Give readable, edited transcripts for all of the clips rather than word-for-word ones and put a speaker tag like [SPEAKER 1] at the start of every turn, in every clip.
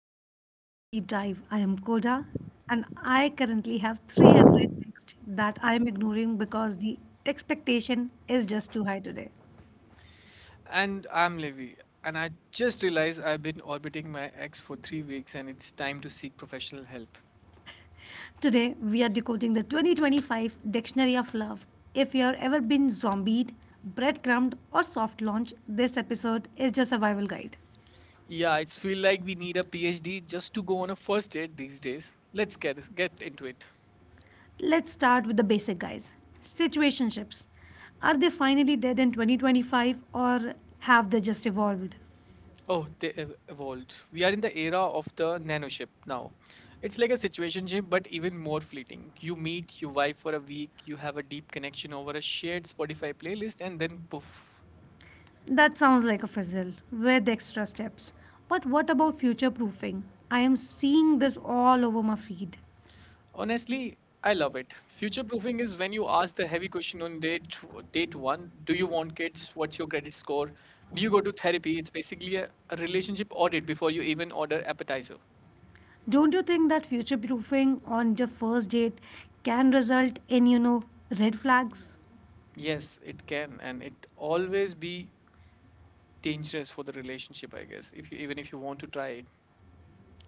[SPEAKER 1] Welcome to the deep dive. I am Koda, and I currently have three other texts that I am ignoring because the expectation is just too high today.
[SPEAKER 2] And I'm Levi, and I just realized I've been orbiting my ex for 3 weeks, and it's time to seek professional help.
[SPEAKER 1] Today, we are decoding the 2025 Dictionary of Love. If you have ever been zombied, breadcrumbed, or soft launched, this episode is your survival guide.
[SPEAKER 2] Yeah, it's feel like we need a PhD just to go on a first date these days. Let's get into it.
[SPEAKER 1] Let's start with the basic, guys. Situationships. Are they finally dead in 2025, or have they just evolved?
[SPEAKER 2] Oh, evolved. We are in the era of the nanoship now. It's like a situationship, but even more fleeting. You meet, you vibe for a week, you have a deep connection over a shared Spotify playlist, and then poof.
[SPEAKER 1] That sounds like a fizzle with extra steps. But what about future proofing? I am seeing this all over my feed.
[SPEAKER 2] Honestly, I love it. Future proofing is when you ask the heavy question on date one: Do you want kids? What's your credit score? Do you go to therapy? It's basically a relationship audit before you even order appetizer.
[SPEAKER 1] Don't you think that future proofing on the first date can result in, you know, red flags?
[SPEAKER 2] Yes, it can, and it always be dangerous for the relationship, I guess. If you even if you want to try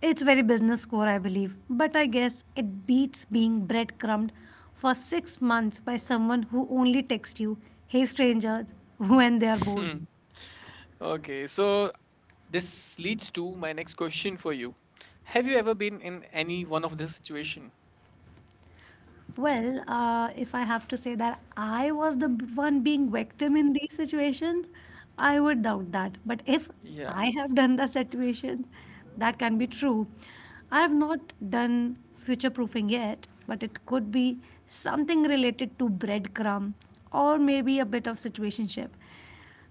[SPEAKER 1] It's very business core, I believe, but I guess it beats being breadcrumbed for 6 months by someone who only texts you, "Hey strangers," when they are bored.
[SPEAKER 2] it. Okay, so this leads to my next question for you. Have you ever been in any one of this situation?
[SPEAKER 1] Well, if I have to say that I was the one being victim in these situations, I would doubt that. But if
[SPEAKER 2] Yeah.
[SPEAKER 1] I have done the situation, that can be true. I have not done future proofing yet, but it could be something related to breadcrumb or maybe a bit of situationship.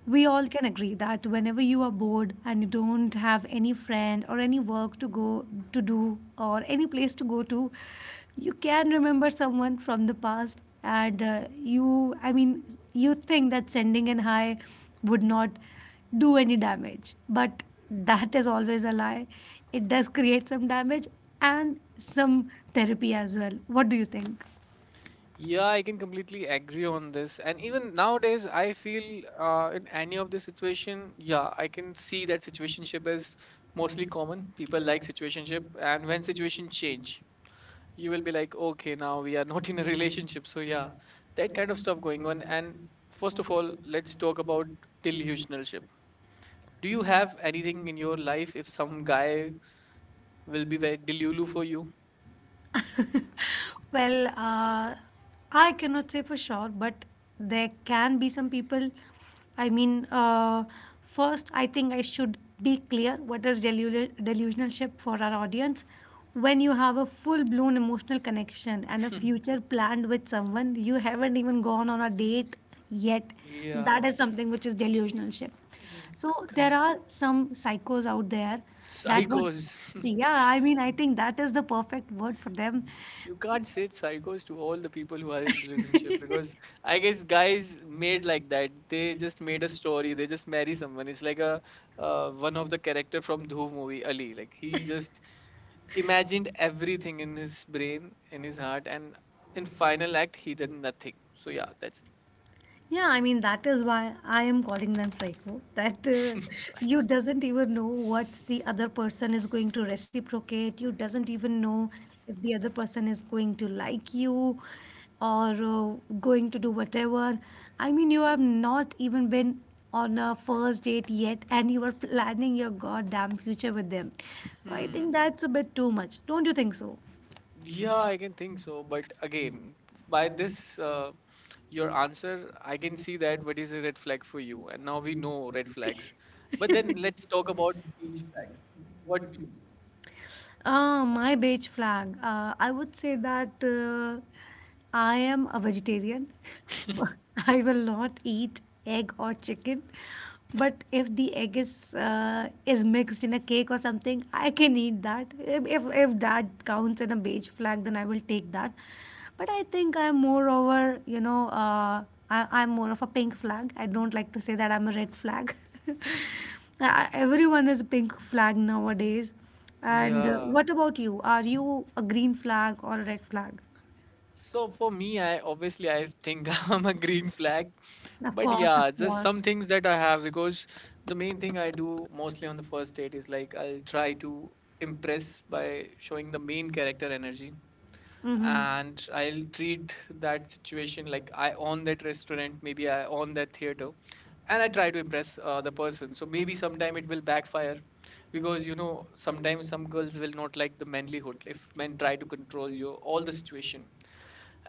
[SPEAKER 1] We all can agree that whenever you are bored and you don't have any friend or any work to go to do or any place to go to, you can remember someone from the past, and you I mean you think that sending an hi would not do any damage, but that is always a lie. It does create some damage and some therapy as well. What do you think?
[SPEAKER 2] Yeah, I can completely agree on this. And even nowadays, I feel in any of the situation, yeah, I can see that situationship is mostly common. People like situationship, and when situation change, you will be like, okay, now we are not in a relationship. So yeah, that kind of stuff going on. And first of all, let's talk about delusionalship. Do you have anything in your life if some guy will be very delulu for you?
[SPEAKER 1] Well, I cannot say for sure, but there can be some people. I mean, first, I think I should be clear what is delusionalship for our audience. When you have a full blown emotional connection and a future planned with someone, you haven't even gone on a date yet.
[SPEAKER 2] Yeah,
[SPEAKER 1] That is something which is delusionalship.
[SPEAKER 2] mm,
[SPEAKER 1] So, there
[SPEAKER 2] guys,
[SPEAKER 1] are some psychos out there that would.
[SPEAKER 2] psychos.
[SPEAKER 1] Yeah, I mean, I think that is the perfect word for them.
[SPEAKER 2] You can't say it's psychos to all the people who are in relationship because I guess guys made like that. They just made a story. They just marry someone. It's like a one of the character from Dhruv movie, Ali. Like he just imagined everything in his brain, in his heart, and in final act he did nothing. So yeah, that's
[SPEAKER 1] Yeah, I mean that is why I am calling them psycho. That you
[SPEAKER 2] psycho.
[SPEAKER 1] doesn't even know what the other person is going to reciprocate. You doesn't even know if the other person is going to like you or going to do whatever. I mean, you have not even been on a first date yet, and you are planning your goddamn future with them. So I
[SPEAKER 2] Hmm.
[SPEAKER 1] think that's a bit too much. Don't you think so?
[SPEAKER 2] Yeah, I can think so. But again, by this, your answer, I can see that what is a red flag for you. And now we know red flags. But then let's talk about speech flags. What's
[SPEAKER 1] My beige flag. I would say that I am a vegetarian, but I will not eat egg or chicken. But if the egg is mixed in a cake or something, I can eat that. If that counts in a beige flag, then I will take that. But I think I'm more over, you know, I'm more of a pink flag. I don't like to say that I'm a red flag. Everyone is pink flag nowadays.
[SPEAKER 2] your?
[SPEAKER 1] And
[SPEAKER 2] Yeah.
[SPEAKER 1] what about you? Are you a green flag or a red flag?
[SPEAKER 2] So for me, I obviously I think I'm a green flag.
[SPEAKER 1] Of
[SPEAKER 2] But
[SPEAKER 1] course, of
[SPEAKER 2] yeah, just some
[SPEAKER 1] course.
[SPEAKER 2] things that I have because the main thing I do mostly on the first date is like I'll try to impress by showing the main character energy,
[SPEAKER 1] Mm-hmm.
[SPEAKER 2] and I'll treat that situation like I own that restaurant, maybe I own that theater, and I try to impress the person. So maybe sometime it will backfire because you know sometimes some girls will not like the manlyhood if men try to control you all the situation,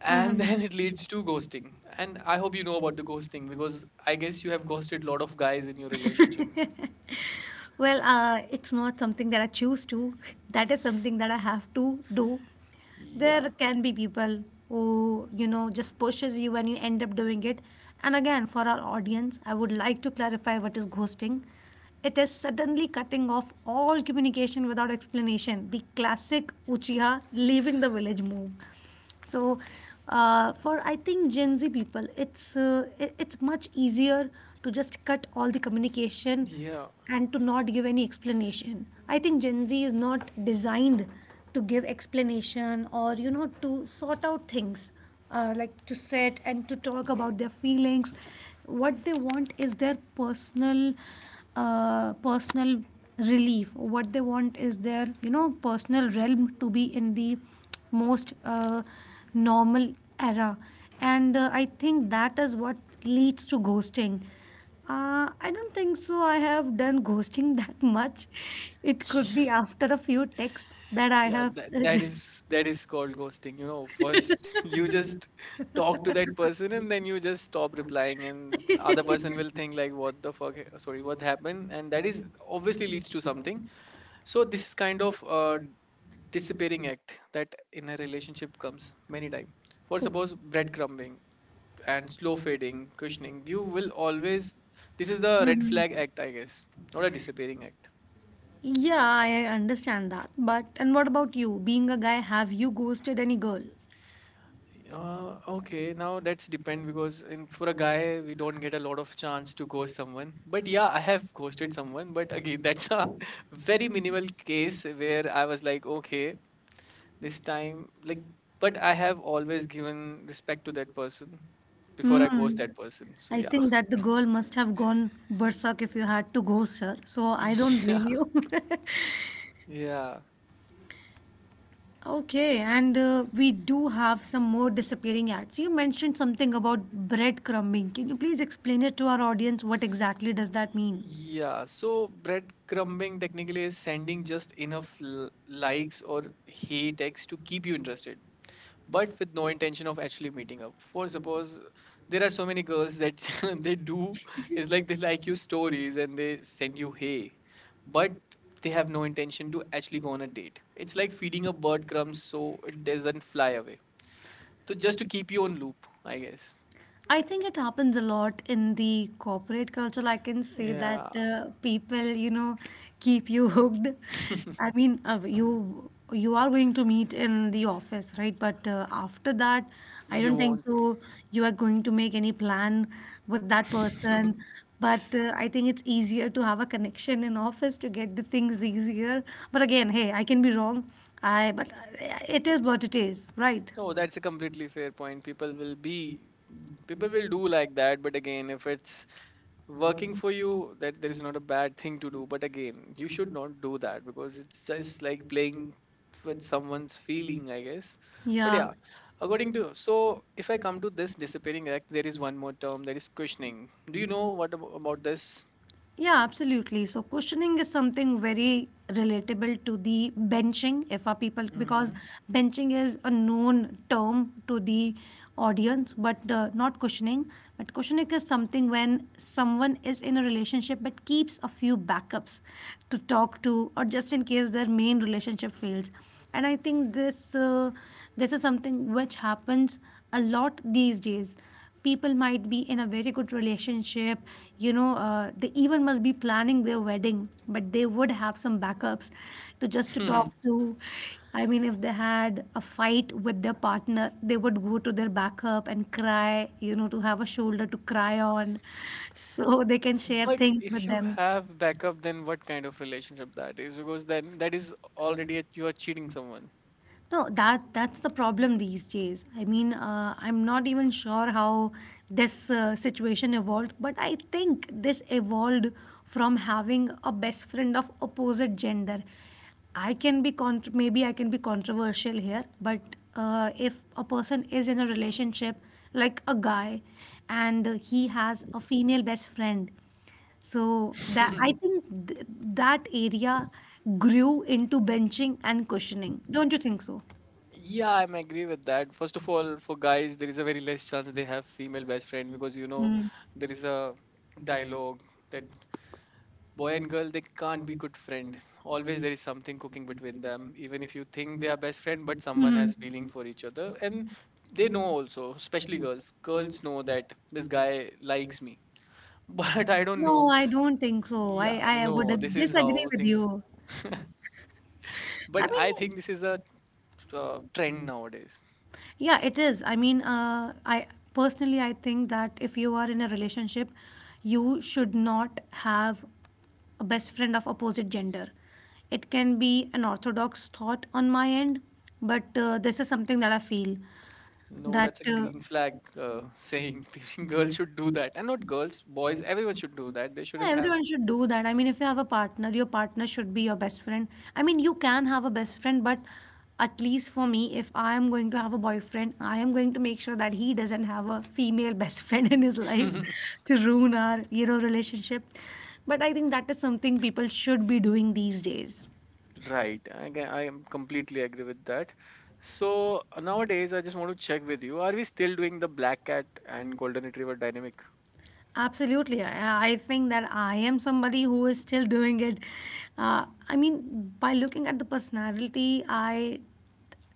[SPEAKER 2] and then
[SPEAKER 1] Mhm.
[SPEAKER 2] it leads to ghosting. And I hope you know about the ghosting because I guess you have ghosted a lot of guys in your relationship.
[SPEAKER 1] Well, it's not something that I choose to. That is something that I have to do.
[SPEAKER 2] Yeah,
[SPEAKER 1] There can be people who, you know, just pushes you and you end up doing it. And again, for our audience, I would like to clarify what is ghosting. It is suddenly cutting off all communication without explanation. The classic Uchiha leaving the village move. So for I think Gen Z people, it's much easier to just cut all the communication
[SPEAKER 2] yeah.
[SPEAKER 1] and to not give any explanation. I think Gen Z is not designed to give explanation, or you know, to sort out things, like to sit and to talk about their feelings. What they want is their personal, personal relief. What they want is their, you know, personal realm to be in the most normal era. And I think that is what leads to ghosting. Uh, I don't think so. I have done ghosting that much. It could be after a few texts that I
[SPEAKER 2] Yeah,
[SPEAKER 1] have
[SPEAKER 2] that, that
[SPEAKER 1] just
[SPEAKER 2] is that is called ghosting. You know, first you just talk to that person and then you just stop replying and other person will think like what the fuck ha- sorry, what happened? And that is obviously leads to something. So this is kind of a disappearing act that in a
[SPEAKER 1] Mhm.
[SPEAKER 2] relationship comes many time. For suppose breadcrumbing and slow fading, cushioning, you will always this is the red flag act, I guess. Not a disappearing act.
[SPEAKER 1] Yeah, I understand that. But and what about you? Being a guy, have you ghosted any girl?
[SPEAKER 2] Okay, now that's depend because in for a guy we don't get a lot of chance to ghost someone. But yeah, I have ghosted someone, but again that's a very minimal case where I was like, okay, this time like, but I have always given respect to that person before I ghost
[SPEAKER 1] Mm.
[SPEAKER 2] that person. So
[SPEAKER 1] I
[SPEAKER 2] yeah.
[SPEAKER 1] think that the girl must have gone berserk if you had to ghost her. So I don't
[SPEAKER 2] Yeah.
[SPEAKER 1] blame you.
[SPEAKER 2] Yeah.
[SPEAKER 1] Okay, and we do have some more disappearing ads. You mentioned something about breadcrumbing. Can you please explain it to our audience? What exactly does that mean?
[SPEAKER 2] Yeah. So breadcrumbing technically is sending just enough likes or hate text to keep you interested, but with no intention of actually meeting up. For suppose there are so many girls that they do is like they like your stories and they send you hey, but they have no intention to actually go on a date. It's like feeding a bird crumbs so it doesn't fly away. So just to keep you on loop, I guess.
[SPEAKER 1] I think it happens a lot in the corporate culture. I can say that
[SPEAKER 2] Yeah,
[SPEAKER 1] people, you know, keep you hooked. I mean, you are going to meet in the office, right? But after that, I
[SPEAKER 2] you
[SPEAKER 1] don't think
[SPEAKER 2] won't.
[SPEAKER 1] so. You are going to make any plan with that person. But I think it's easier to have a connection in office to get the things easier. But again, hey, I can be wrong. I but It is what it is, right?
[SPEAKER 2] No, that's a completely fair point. People will do like that, but again, if it's working for you that there is not a bad thing to do, but again you should not do that because it's just like playing with someone's feeling, I guess. But
[SPEAKER 1] Yeah.
[SPEAKER 2] yeah, according to, so if I come to this disappearing act, there is one more term that is cushioning. Do you know what about this?
[SPEAKER 1] Yeah, absolutely. So cushioning is something very relatable to the benching if our people, because
[SPEAKER 2] Hmm.
[SPEAKER 1] Mhm. benching is a known term to the audience, but not cushioning. But cushioning is something when someone is in a relationship but keeps a few backups to talk to, or just in case their main relationship fails. And I think this is something which happens a lot these days. People might be in a very good relationship, you know, they even must be planning their wedding, but they would have some backups to just to talk to. I mean, if they had a fight with their partner, they would go to their backup and cry, you know, to have a shoulder to cry on, so they can share
[SPEAKER 2] But
[SPEAKER 1] things
[SPEAKER 2] if
[SPEAKER 1] with
[SPEAKER 2] you
[SPEAKER 1] them.
[SPEAKER 2] have backup then what kind of relationship that is, because then that is already a, you are cheating someone.
[SPEAKER 1] No, that that's the problem these days. I mean, I'm not even sure how this situation evolved, but I think this evolved from having a best friend of opposite gender. I can be contr, maybe I can be controversial here, but if a person is in a relationship, like a guy, and he has a female best friend, so that I think that area grew into benching and cushioning. Don't you think so?
[SPEAKER 2] Yeah, I'm agree with that. First of all, for guys, there is a very less chance they have female best friend because you know
[SPEAKER 1] Mm.
[SPEAKER 2] there is a dialogue that boy and girl they can't be good friend. Always there is something cooking between them, even if you think they are best friend, but someone has
[SPEAKER 1] Mhm.
[SPEAKER 2] feeling for each other, and they know also, especially girls. Girls know that this guy likes me, but I don't
[SPEAKER 1] No,
[SPEAKER 2] know.
[SPEAKER 1] I don't think so.
[SPEAKER 2] Yeah,
[SPEAKER 1] I would
[SPEAKER 2] no, this is
[SPEAKER 1] disagree
[SPEAKER 2] how
[SPEAKER 1] with
[SPEAKER 2] things.
[SPEAKER 1] you. I
[SPEAKER 2] But I think
[SPEAKER 1] mean,
[SPEAKER 2] this is a trend nowadays.
[SPEAKER 1] yeah, it is. I mean, I personally I think that if you are in a relationship, you should not have a best friend of opposite gender. It can be an orthodox thought on my end, but this is something that I feel,
[SPEAKER 2] No, that's
[SPEAKER 1] that
[SPEAKER 2] a green flag saying.
[SPEAKER 1] uh,
[SPEAKER 2] Girls should do that, and not girls, boys. Everyone should do that. They
[SPEAKER 1] yeah,
[SPEAKER 2] shouldn't have.
[SPEAKER 1] everyone should do that. I mean, if you have a partner, your partner should be your best friend. I mean, you can have a best friend, but at least for me, if I am going to have a boyfriend, I am going to make sure that he doesn't have a female best friend in his life Mhm. to ruin our, you know, relationship. But I think that is something people should be doing these days.
[SPEAKER 2] Right. I am completely agree with that. So nowadays, I just want to check with you: Are we still doing the black cat and golden retriever dynamic?
[SPEAKER 1] Absolutely. I think that I am somebody who is still doing it. I mean, by looking at the personality,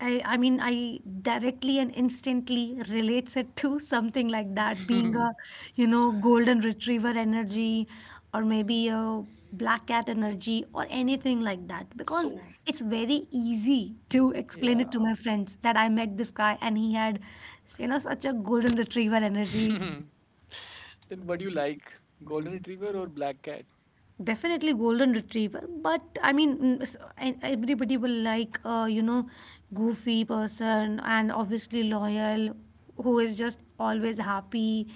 [SPEAKER 1] I mean, I directly and instantly relates it to something like that, being a, you know, golden retriever energy, or maybe a black cat energy or anything like that. Because
[SPEAKER 2] So
[SPEAKER 1] it's very easy to explain
[SPEAKER 2] yeah.
[SPEAKER 1] it to my friends that I met this guy, and he had, you know, such a golden retriever energy.
[SPEAKER 2] Then what do you like, golden retriever or black cat?
[SPEAKER 1] Definitely golden retriever, but I mean, mm, and everybody will like you know, goofy person, and obviously loyal, who is just always happy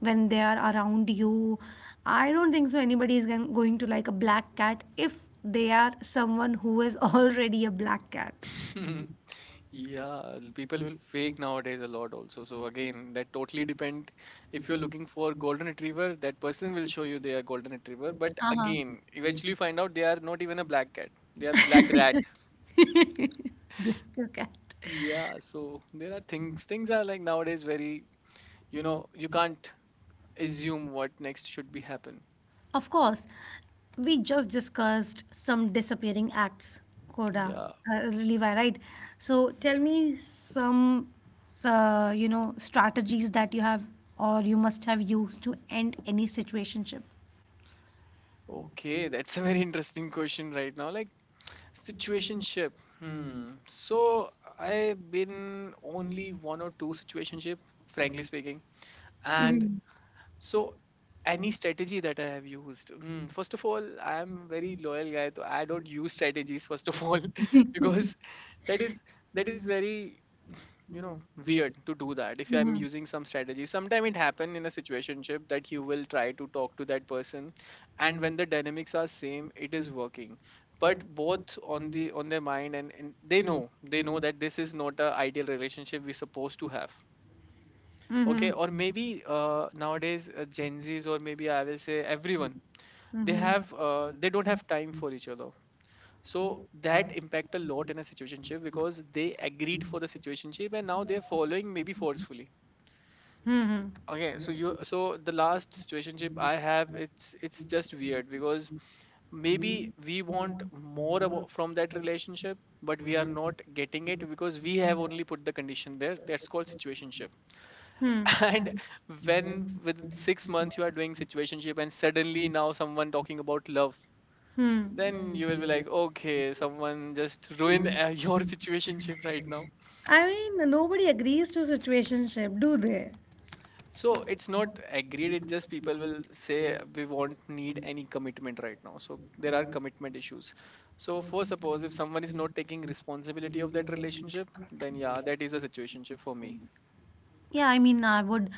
[SPEAKER 1] when they are around you. I don't think so. Anybody is going to like a black cat if they are someone who is already a black cat.
[SPEAKER 2] Yeah, people will fake nowadays a lot also. So again, that totally depend. If you're looking for golden retriever, that person will show you they are golden retriever. But
[SPEAKER 1] Uh huh.
[SPEAKER 2] again, eventually you find out they are not even a black cat. They are black rat.
[SPEAKER 1] Black cat.
[SPEAKER 2] Yeah, so there are things. Things are like nowadays very, you know, you can't assume what next should be happen.
[SPEAKER 1] Of course, we just discussed some disappearing acts, Koda,
[SPEAKER 2] Yeah.
[SPEAKER 1] Levi, right? So tell me some, you know, strategies that you have or you must have used to end any situationship.
[SPEAKER 2] Okay, that's a very interesting question right now. Like situationship. Hmm. So I've been only one or two situationship, frankly speaking. And
[SPEAKER 1] Mm-hmm.
[SPEAKER 2] so any strategy that I have used. Hmm. First of all, I am very loyal guy, so I don't use strategies first of all because that is that is very you know weird to do that if I'm
[SPEAKER 1] Mm-hmm.
[SPEAKER 2] using some strategy. Sometime it happen in a situationship that you will try to talk to that person and when the dynamics are same it is working, but both on the on their mind, and they know that this is not a ideal relationship we're supposed to have. Okay,
[SPEAKER 1] Mm-hmm.
[SPEAKER 2] or maybe nowadays Gen Z's, or maybe I will say everyone, they
[SPEAKER 1] Mm-hmm.
[SPEAKER 2] have they don't have time for each other, so that impact a lot in a situationship because they agreed for the situationship and now they're following maybe forcefully.
[SPEAKER 1] Hmm.
[SPEAKER 2] Okay, so you, so the last situationship I have, it's just weird because maybe we want more from that relationship but we are not getting it because we have only put the condition there that's called situationship.
[SPEAKER 1] Hmm.
[SPEAKER 2] And when with 6 months you are doing situationship and suddenly now someone talking about love,
[SPEAKER 1] Hmm.
[SPEAKER 2] then you will be like okay someone just ruined your situationship right now.
[SPEAKER 1] I mean, nobody agrees to situationship, do they?
[SPEAKER 2] So it's not agreed. It just people will say we won't need any commitment right now. So there are commitment issues. So for suppose if someone is not taking responsibility of that relationship, then yeah, that is a situationship for me.
[SPEAKER 1] Yeah, I mean, I would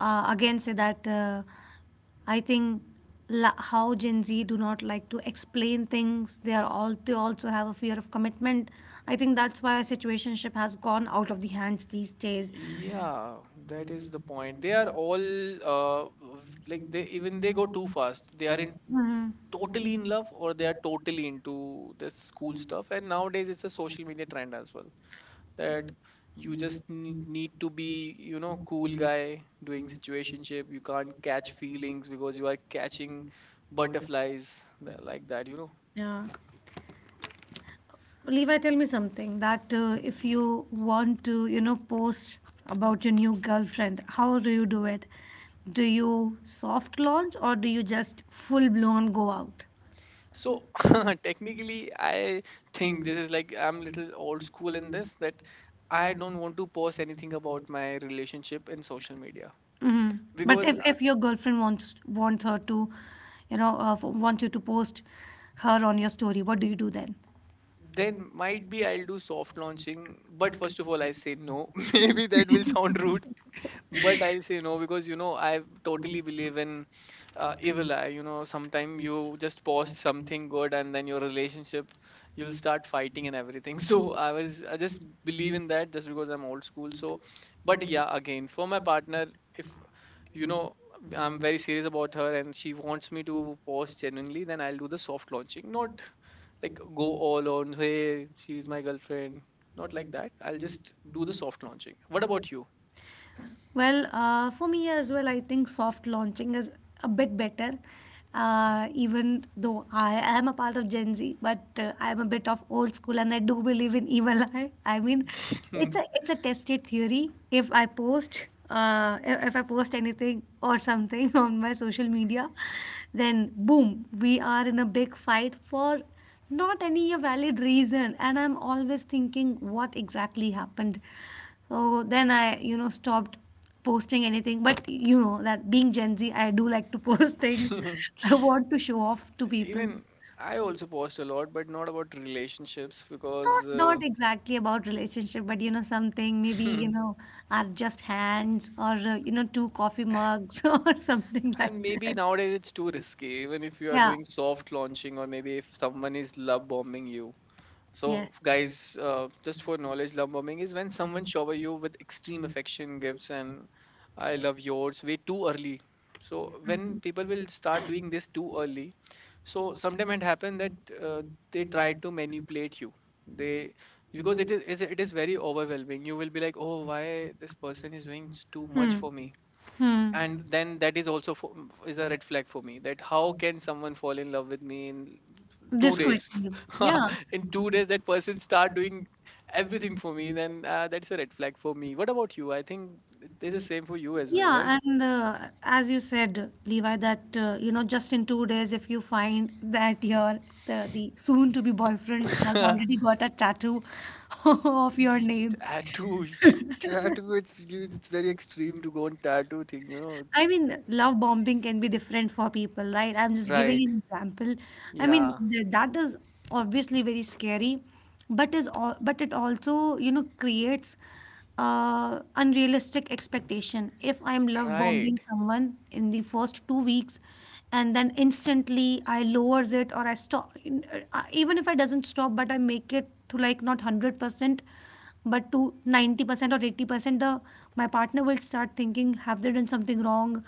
[SPEAKER 1] again say that I think how Gen Z do not like to explain things. They are all they also have a fear of commitment. I think that's why situationship has gone out of the hands these days.
[SPEAKER 2] Yeah, that is the point. They are all like they even they go too fast. They are in
[SPEAKER 1] Mhm.
[SPEAKER 2] totally in love or they are totally into this school stuff. And nowadays it's a social media trend as well. That You just need to be, you know, cool guy doing situationship. You can't catch feelings because you are catching butterflies, like that, you know
[SPEAKER 1] Yeah. Levi, tell me something that if you want to, you know, post about your new girlfriend, how do you do it? Do you soft launch or do you just full blown go out?
[SPEAKER 2] so technically, I think this is like I'm little old school in this, that I don't want to post anything about my relationship in social media
[SPEAKER 1] Hmm. But
[SPEAKER 2] because
[SPEAKER 1] if your girlfriend wants her to, you know, wants you to post her on your story, what do you do then?
[SPEAKER 2] then might be I'll do soft launching, but first of all I say no. Maybe that will sound rude, but I'll say no because, you know, I totally believe in evil eye. You know, sometimes you just post something good and then your relationship, you'll start fighting and everything. So I just believe in that just because I'm old school, so but yeah, again, for my partner, if, you know, I'm very serious about her and she wants me to post genuinely, then I'll do the soft launching, not like go all on, "Hey, she's my girlfriend." Not like that. I'll just do the soft launching. What about you?
[SPEAKER 1] Well, for me as well, I think soft launching is a bit better. Even though I am a part of Gen Z, but I am a bit of old school, and I do believe in evil eye. I mean, it's a tested theory. If I post, if I post anything or something on my social media, then boom, we are in a big fight for not any a valid reason, and I'm always thinking what exactly happened. So then I stopped posting anything. But you know, that being Gen Z, I do like to post things. I want to show off to people.
[SPEAKER 2] Even I also post a lot, but not about relationships
[SPEAKER 1] not
[SPEAKER 2] because,
[SPEAKER 1] not exactly about relationship, but you know, something, maybe are just hands or two coffee mugs or something
[SPEAKER 2] and
[SPEAKER 1] like
[SPEAKER 2] maybe
[SPEAKER 1] that.
[SPEAKER 2] nowadays it's too risky, even if you are
[SPEAKER 1] Yeah.
[SPEAKER 2] doing soft launching or maybe if someone is love bombing you. So,
[SPEAKER 1] Yeah.
[SPEAKER 2] guys, just for knowledge, love bombing is when someone shower you with extreme affection, gifts, and I love yours way too early. So, when people will start doing this too early, so sometimes it happen that uh, they try to manipulate you. They because
[SPEAKER 1] Mhm.
[SPEAKER 2] it is very overwhelming. You will be like, oh, why this person is doing too much
[SPEAKER 1] Hmm.
[SPEAKER 2] for me?
[SPEAKER 1] Hmm.
[SPEAKER 2] And then that is also for, is a red flag for me, that how can someone fall in love with me in two
[SPEAKER 1] This
[SPEAKER 2] days
[SPEAKER 1] question. Yeah.
[SPEAKER 2] In 2 days that person start doing everything for me, then that's a red flag for me. What about you? I think it is the same for you as well, right?
[SPEAKER 1] Yeah. And as you said, Levi, that, you know, just in 2 days, if you find that your the soon to be boyfriend has already got a tattoo of your
[SPEAKER 2] Ye-
[SPEAKER 1] name.
[SPEAKER 2] Tattoo. Tattoo. It's very extreme to go on tattoo thing, you know?
[SPEAKER 1] I mean, love bombing can be different for people, right? I'm just right,
[SPEAKER 2] Right.
[SPEAKER 1] giving an example. I mean,
[SPEAKER 2] Yeah.
[SPEAKER 1] that is obviously very scary, but it also, you know, creates unrealistic expectation. If I'm love, mm,
[SPEAKER 2] Right.
[SPEAKER 1] bombing someone in the first 2 weeks, and then instantly I lowers it or I stop, even if I doesn't stop, but I make it to like not 100%, but to 90% or 80%, the my partner will start thinking have they done something wrong.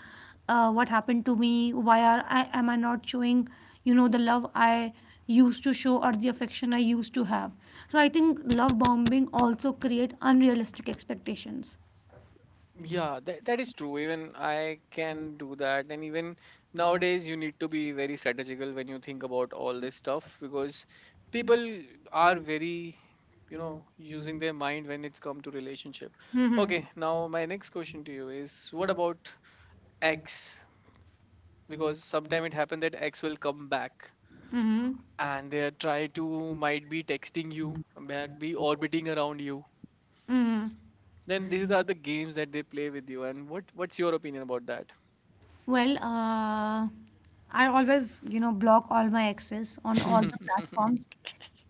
[SPEAKER 1] What happened to me, why are I, am I not showing, you know, the love I used to show or the affection I used to have? So I think love bombing also create unrealistic expectations.
[SPEAKER 2] Yeah, that, that is true. Even I can do that. And even nowadays, you need to be very strategical when you think about all this stuff because people are very, you know, using their mind when it's come to relationship.
[SPEAKER 1] Mm-hmm.
[SPEAKER 2] Okay, now my next question to you is, what about X? Because sometime it happened that X will come back
[SPEAKER 1] Mm-hmm.
[SPEAKER 2] and they are try to, might be texting you, might be orbiting around you.
[SPEAKER 1] Mm-hmm.
[SPEAKER 2] Then these are the games that they play with you. And what what's your opinion about that?
[SPEAKER 1] Well, I always, you know, block all my access on all the platforms,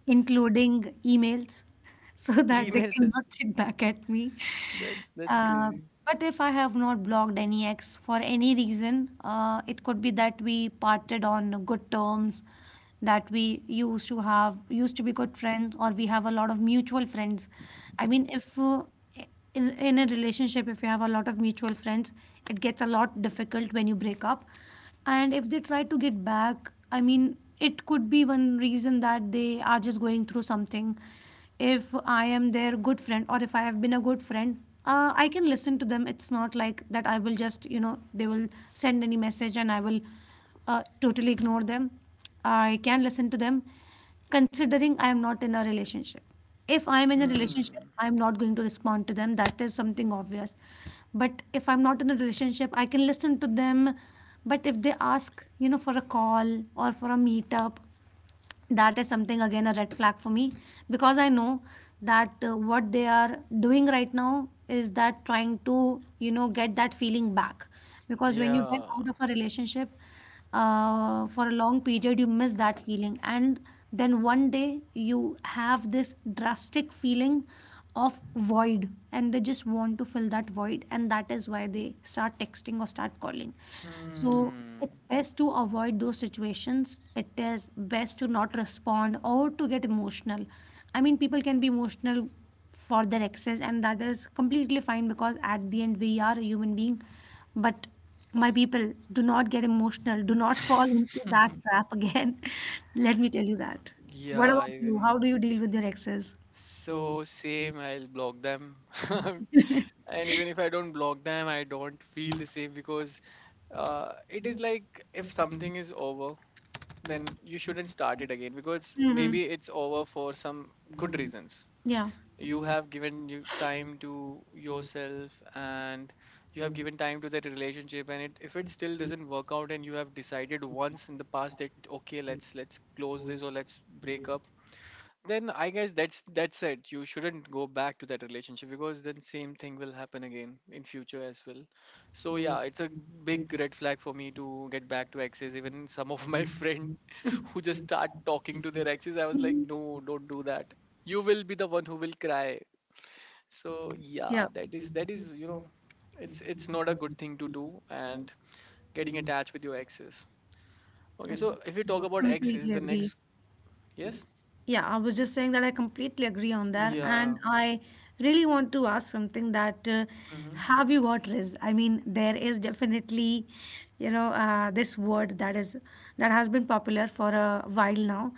[SPEAKER 1] including emails, so that they
[SPEAKER 2] Emails as,
[SPEAKER 1] cannot get back at me.
[SPEAKER 2] that's
[SPEAKER 1] Uh,
[SPEAKER 2] crazy.
[SPEAKER 1] but if I have not blocked any ex for any reason, it could be that we parted on good terms, that we used to be good friends, or we have a lot of mutual friends. I mean, if in a relationship if you have a lot of mutual friends, it gets a lot difficult when you break up. And if they try to get back, I mean, it could be one reason that they are just going through something. If I am their good friend, or if I have been a good friend, I can listen to them. It's not like that I will just, you know, they will send any message and I will totally ignore them. I can listen to them, considering I am not in a relationship. If I am in a relationship,
[SPEAKER 2] Hmm.
[SPEAKER 1] I am not going to respond to them. That is something obvious. But if I'm not in a relationship, I can listen to them. But if they ask, you know, for a call or for a meetup, that is something again a red flag for me, because I know that what they are doing right now is that trying to, you know, get that feeling back. Because when you get
[SPEAKER 2] Yeah.
[SPEAKER 1] out of a relationship, for a long period you miss that feeling, and then one day you have this drastic feeling of void, and they just want to fill that void, and that is why they start texting or start calling. So
[SPEAKER 2] Hmm.
[SPEAKER 1] it's best to avoid those situations. It is best to not respond or to get emotional. I mean, people can be emotional for their exes, and that is completely fine, because at the end we are a human being. But my people, do not get emotional, do not fall into that trap again. Let me tell you that. What
[SPEAKER 2] Yeah,
[SPEAKER 1] about you,
[SPEAKER 2] even
[SPEAKER 1] how do you deal with your exes?
[SPEAKER 2] so, same, I'll block them. And even if I don't block them, I don't feel the same because it is like, if something is over, then you shouldn't start it again because
[SPEAKER 1] Hmm.
[SPEAKER 2] maybe it's over for some good reasons.
[SPEAKER 1] Yeah.
[SPEAKER 2] You have given you time to yourself and you have given time to that relationship, and it, if it still doesn't work out and you have decided once in the past that okay, let's close this or let's break up, then I guess that's it. You shouldn't go back to that relationship because then same thing will happen again in future as well. So yeah, it's a big red flag for me to get back to exes. Even some of my friend who just start talking to their exes, I was like, no, don't do that. You will be the one who will cry. So yeah,
[SPEAKER 1] Yeah,
[SPEAKER 2] that is, that is, you know, it's not a good thing to do and getting attached with your exes. Okay,
[SPEAKER 1] I
[SPEAKER 2] so if we talk about exes,
[SPEAKER 1] completely
[SPEAKER 2] the
[SPEAKER 1] agree.
[SPEAKER 2] next, yes,
[SPEAKER 1] Yeah, I was just saying that I completely agree on that. Mm. And
[SPEAKER 2] yeah.
[SPEAKER 1] I really want to ask something that, mhm,
[SPEAKER 2] Hmm.
[SPEAKER 1] have you got risk? I mean, there is definitely, you know, this word that is that has been popular for a while now.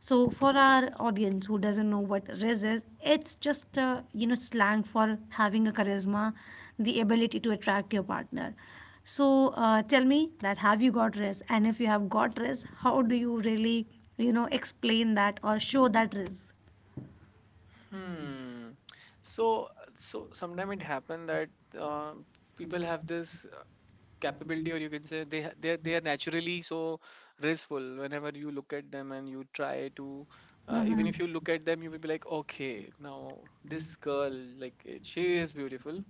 [SPEAKER 1] So for our audience who doesn't know what riz is, it's just you know, slang for having a charisma, the ability to attract your partner. So tell me that have you got riz? And if you have got riz, how do you really, you know, explain that or show that risk.
[SPEAKER 2] Hmm. So so sometimes it happen that uh, people have this capability, or you can say they they are naturally so graceful. Whenever you look at them and you try to. Even
[SPEAKER 1] Mm-hmm.
[SPEAKER 2] if you look at them, you will be like, okay, now this girl, like eh, she is beautiful,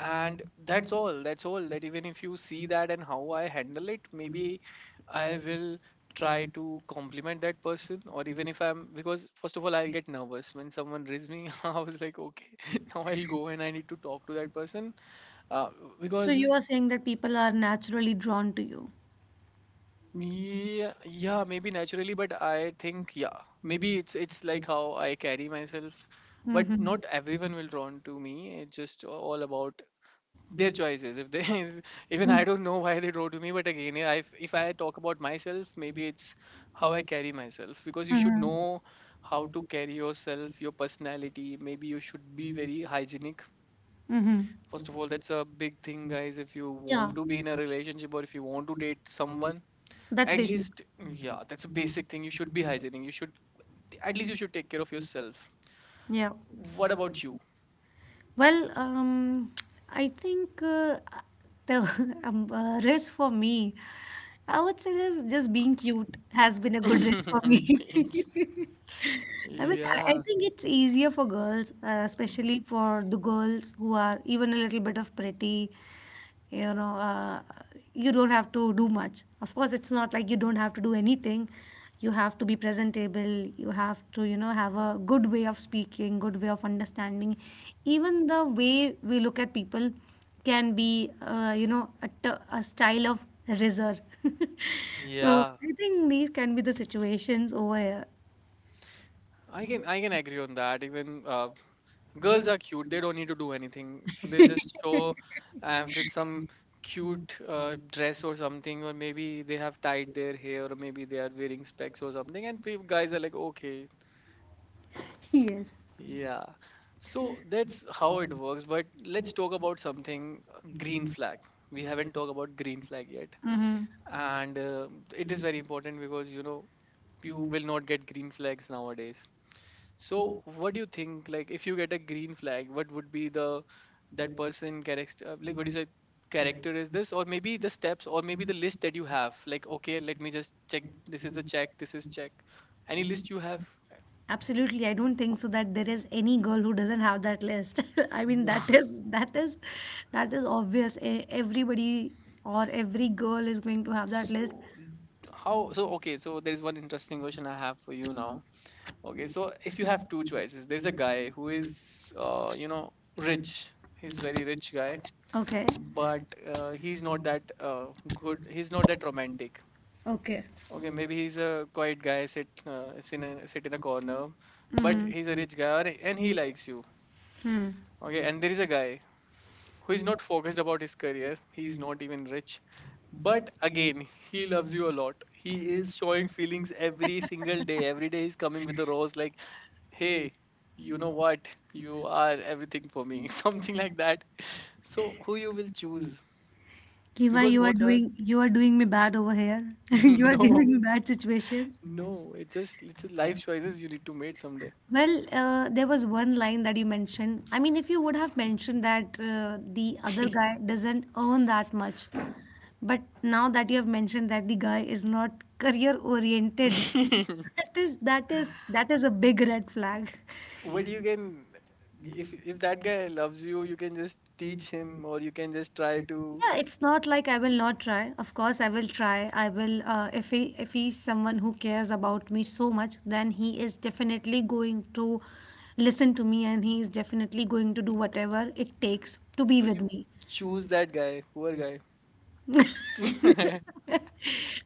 [SPEAKER 2] and that's all, that's all that even if you see that. And how I handle it, maybe I will try to compliment that person, or even if I'm, because first of all, I'll get nervous when someone raises me. I was like, okay. Now I'll go and I need to talk to that person, uh,
[SPEAKER 1] So, mhm,
[SPEAKER 2] because,
[SPEAKER 1] you are saying that people are naturally drawn to you.
[SPEAKER 2] yeah, yeah, maybe naturally, but I think, yeah, maybe it's like how I carry myself, but
[SPEAKER 1] Mm-hmm.
[SPEAKER 2] not everyone will drawn to me. It's just all about their choices, if they. Even
[SPEAKER 1] Mm-hmm.
[SPEAKER 2] I don't know why they draw to me, but again, yeah, if I talk about myself, maybe it's how I carry myself, because you should know how to carry yourself, your personality. Maybe you should be very hygienic.
[SPEAKER 1] Mm-hmm.
[SPEAKER 2] First of all, that's a big thing, guys. If you
[SPEAKER 1] Yeah,
[SPEAKER 2] want to be in a relationship or if you want to date someone,
[SPEAKER 1] that's
[SPEAKER 2] at
[SPEAKER 1] basic.
[SPEAKER 2] least, yeah, that's a basic thing. You should be hygienic. You should, at least you should take care of yourself.
[SPEAKER 1] Yeah.
[SPEAKER 2] What about you?
[SPEAKER 1] Well, I think the risk for me, I would say that just being cute has been a good risk for me.
[SPEAKER 2] Thank you.
[SPEAKER 1] I mean, I
[SPEAKER 2] Yeah.
[SPEAKER 1] think it's easier for girls, especially for the girls who are even a little bit of pretty. You know, you don't have to do much. Of course, it's not like you don't have to do anything. You have to be presentable. You have to, you know, have a good way of speaking, good way of understanding. Even the way we look at people can be, you know, a style of razor. So
[SPEAKER 2] Yeah,
[SPEAKER 1] I think these can be the situations over here.
[SPEAKER 2] I can, I can agree on that. Even girls are cute. They don't need to do anything. They just show with some cute dress or something, or maybe they have tied their hair, or maybe they are wearing specs or something. And guys are like, okay,
[SPEAKER 1] Yes.
[SPEAKER 2] yeah. So that's how it works. But let's talk about something, green flag. We haven't talked about green flag yet,
[SPEAKER 1] Mhm.
[SPEAKER 2] and it is very important because, you know, you will not get green flags nowadays. So, what do you think? Like, if you get a green flag, what would be the that person character? Like, what do you say? Character is this, or maybe the steps, or maybe the list that you have. Like, okay, let me just check. This is the check. This is check. Any list you have?
[SPEAKER 1] Absolutely. I don't think so that there is any girl who doesn't have that list. I mean,
[SPEAKER 2] Yeah.
[SPEAKER 1] that is that is obvious. Everybody or every girl is going to have that list.
[SPEAKER 2] So, how? So, okay. So, there is one interesting question I have for you now. Okay. So, if you have two choices, there's a guy who is, you know, rich. He's very rich guy,
[SPEAKER 1] Okay.
[SPEAKER 2] but he's not that good. He's not that romantic.
[SPEAKER 1] Okay.
[SPEAKER 2] Okay, maybe he's a quiet guy, sit in a corner, but
[SPEAKER 1] Hmm.
[SPEAKER 2] he's a rich guy and he likes you.
[SPEAKER 1] Hmm.
[SPEAKER 2] Okay, and there is a guy who is not focused about his career. He's not even rich, but again, he loves you a lot. He is showing feelings every single day. Every day he's coming with a rose like, "Hey, you know what? You are everything for me." Something like that. So, who you will choose?
[SPEAKER 1] Kiva,
[SPEAKER 2] Because both are
[SPEAKER 1] you are doing me bad over here. You are
[SPEAKER 2] no,
[SPEAKER 1] giving me bad situations.
[SPEAKER 2] no. It just it's a life choices you need to make someday.
[SPEAKER 1] Well, there was one line that you mentioned. I mean, if you would have mentioned that the other guy doesn't earn that much, but now that you have mentioned that the guy is not career oriented, that is that is a big red flag.
[SPEAKER 2] But you can, if that guy loves you, you can just teach him, or you can just try to.
[SPEAKER 1] Yeah, it's not like I will not try. Of course, I will try. I will. If he if he's someone who cares about me so much, then he is definitely going to listen to me, and he is definitely going to do whatever it takes to be
[SPEAKER 2] So
[SPEAKER 1] with
[SPEAKER 2] you
[SPEAKER 1] me.
[SPEAKER 2] choose that guy, poor guy.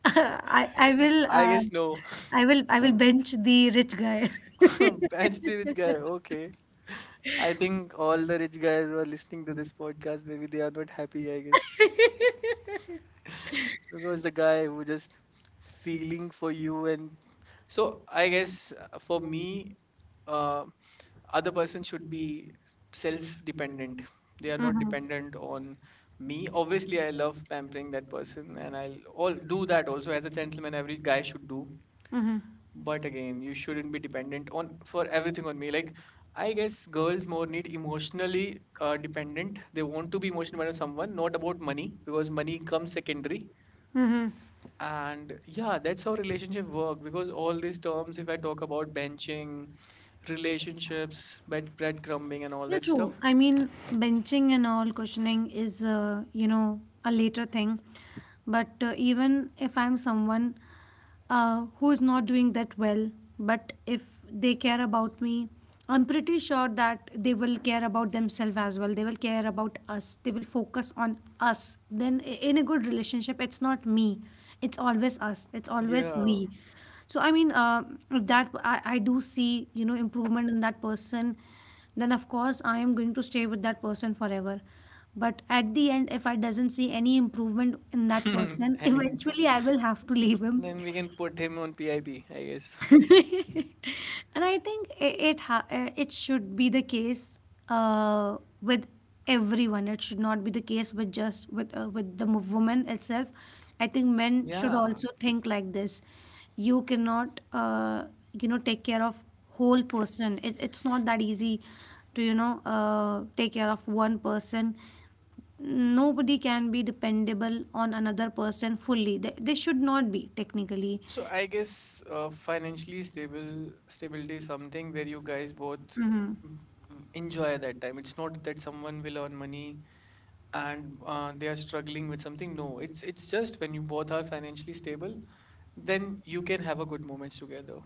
[SPEAKER 1] I will,
[SPEAKER 2] I guess no.
[SPEAKER 1] I will, I will bench the rich guy.
[SPEAKER 2] Match the rich guy. Okay. I think all the rich guys who are listening to this podcast, maybe they are not happy. I guess because the guy who just feeling for you and so I guess for me, uh, other person should be self dependent. They are not dependent on me. Obviously, I love pampering that person and I'll all do that, also as a gentleman every guy should do,
[SPEAKER 1] Mhm.
[SPEAKER 2] but again, you shouldn't be dependent on for everything on me. Like, I guess girls more need emotionally dependent. They want to be emotional about someone, not about money, because money comes secondary.
[SPEAKER 1] Mhm.
[SPEAKER 2] And yeah, that's how
[SPEAKER 1] Mhm.
[SPEAKER 2] relationship work. Because all these terms, if I talk about benching relationships, breadcrumbing, and all
[SPEAKER 1] Yeah,
[SPEAKER 2] that
[SPEAKER 1] true.
[SPEAKER 2] stuff.
[SPEAKER 1] I mean, benching and all questioning is, you know, a later thing. But even if I'm someone who is not doing that well, but if they care about me, I'm pretty sure that they will care about themselves as well. They will care about us. They will focus on us. Then, in a good relationship, it's not me, it's always us, it's always
[SPEAKER 2] Yeah.
[SPEAKER 1] we. So, I mean, if that I do see, you know, improvement in that person, then of course I am going to stay with that person forever. But at the end, if I doesn't see any improvement in that person,
[SPEAKER 2] Any
[SPEAKER 1] eventually
[SPEAKER 2] improvement.
[SPEAKER 1] I will have to leave him.
[SPEAKER 2] Then we can put him on PIP, I P, I guess.
[SPEAKER 1] And I think it should be the case with everyone. It should not be the case with just with the woman itself. I think men should
[SPEAKER 2] Yeah.
[SPEAKER 1] also think like this. You cannot you know, take care of whole person. It's not that easy to, you know, take care of one person. Nobody can be dependable on another person fully. They should not be technically.
[SPEAKER 2] So I guess financially stable stability is something where you guys both
[SPEAKER 1] Hmm.
[SPEAKER 2] mm, enjoy that time. It's not that someone will earn money and they are struggling with something. No, it's just when you both are financially stable, then you can have a good moments together.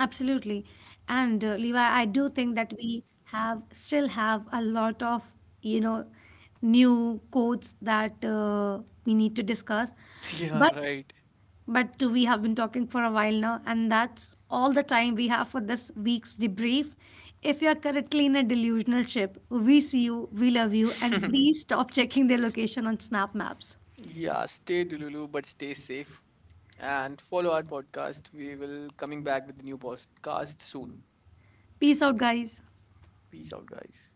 [SPEAKER 1] Absolutely, and Levi, I do think that we have still have a lot of, you know, new codes that we need to discuss,
[SPEAKER 2] Yeah,
[SPEAKER 1] but
[SPEAKER 2] right.
[SPEAKER 1] But we have been talking for a while now, and that's all the time we have for this week's debrief. If you are currently in a delusional ship, we see you, we love you, and please stop checking their location on Snap Maps.
[SPEAKER 2] Yeah, stay Dululu, but stay safe and follow our podcast. We will coming back with the new podcast soon.
[SPEAKER 1] Peace out, guys.
[SPEAKER 2] Peace out, guys.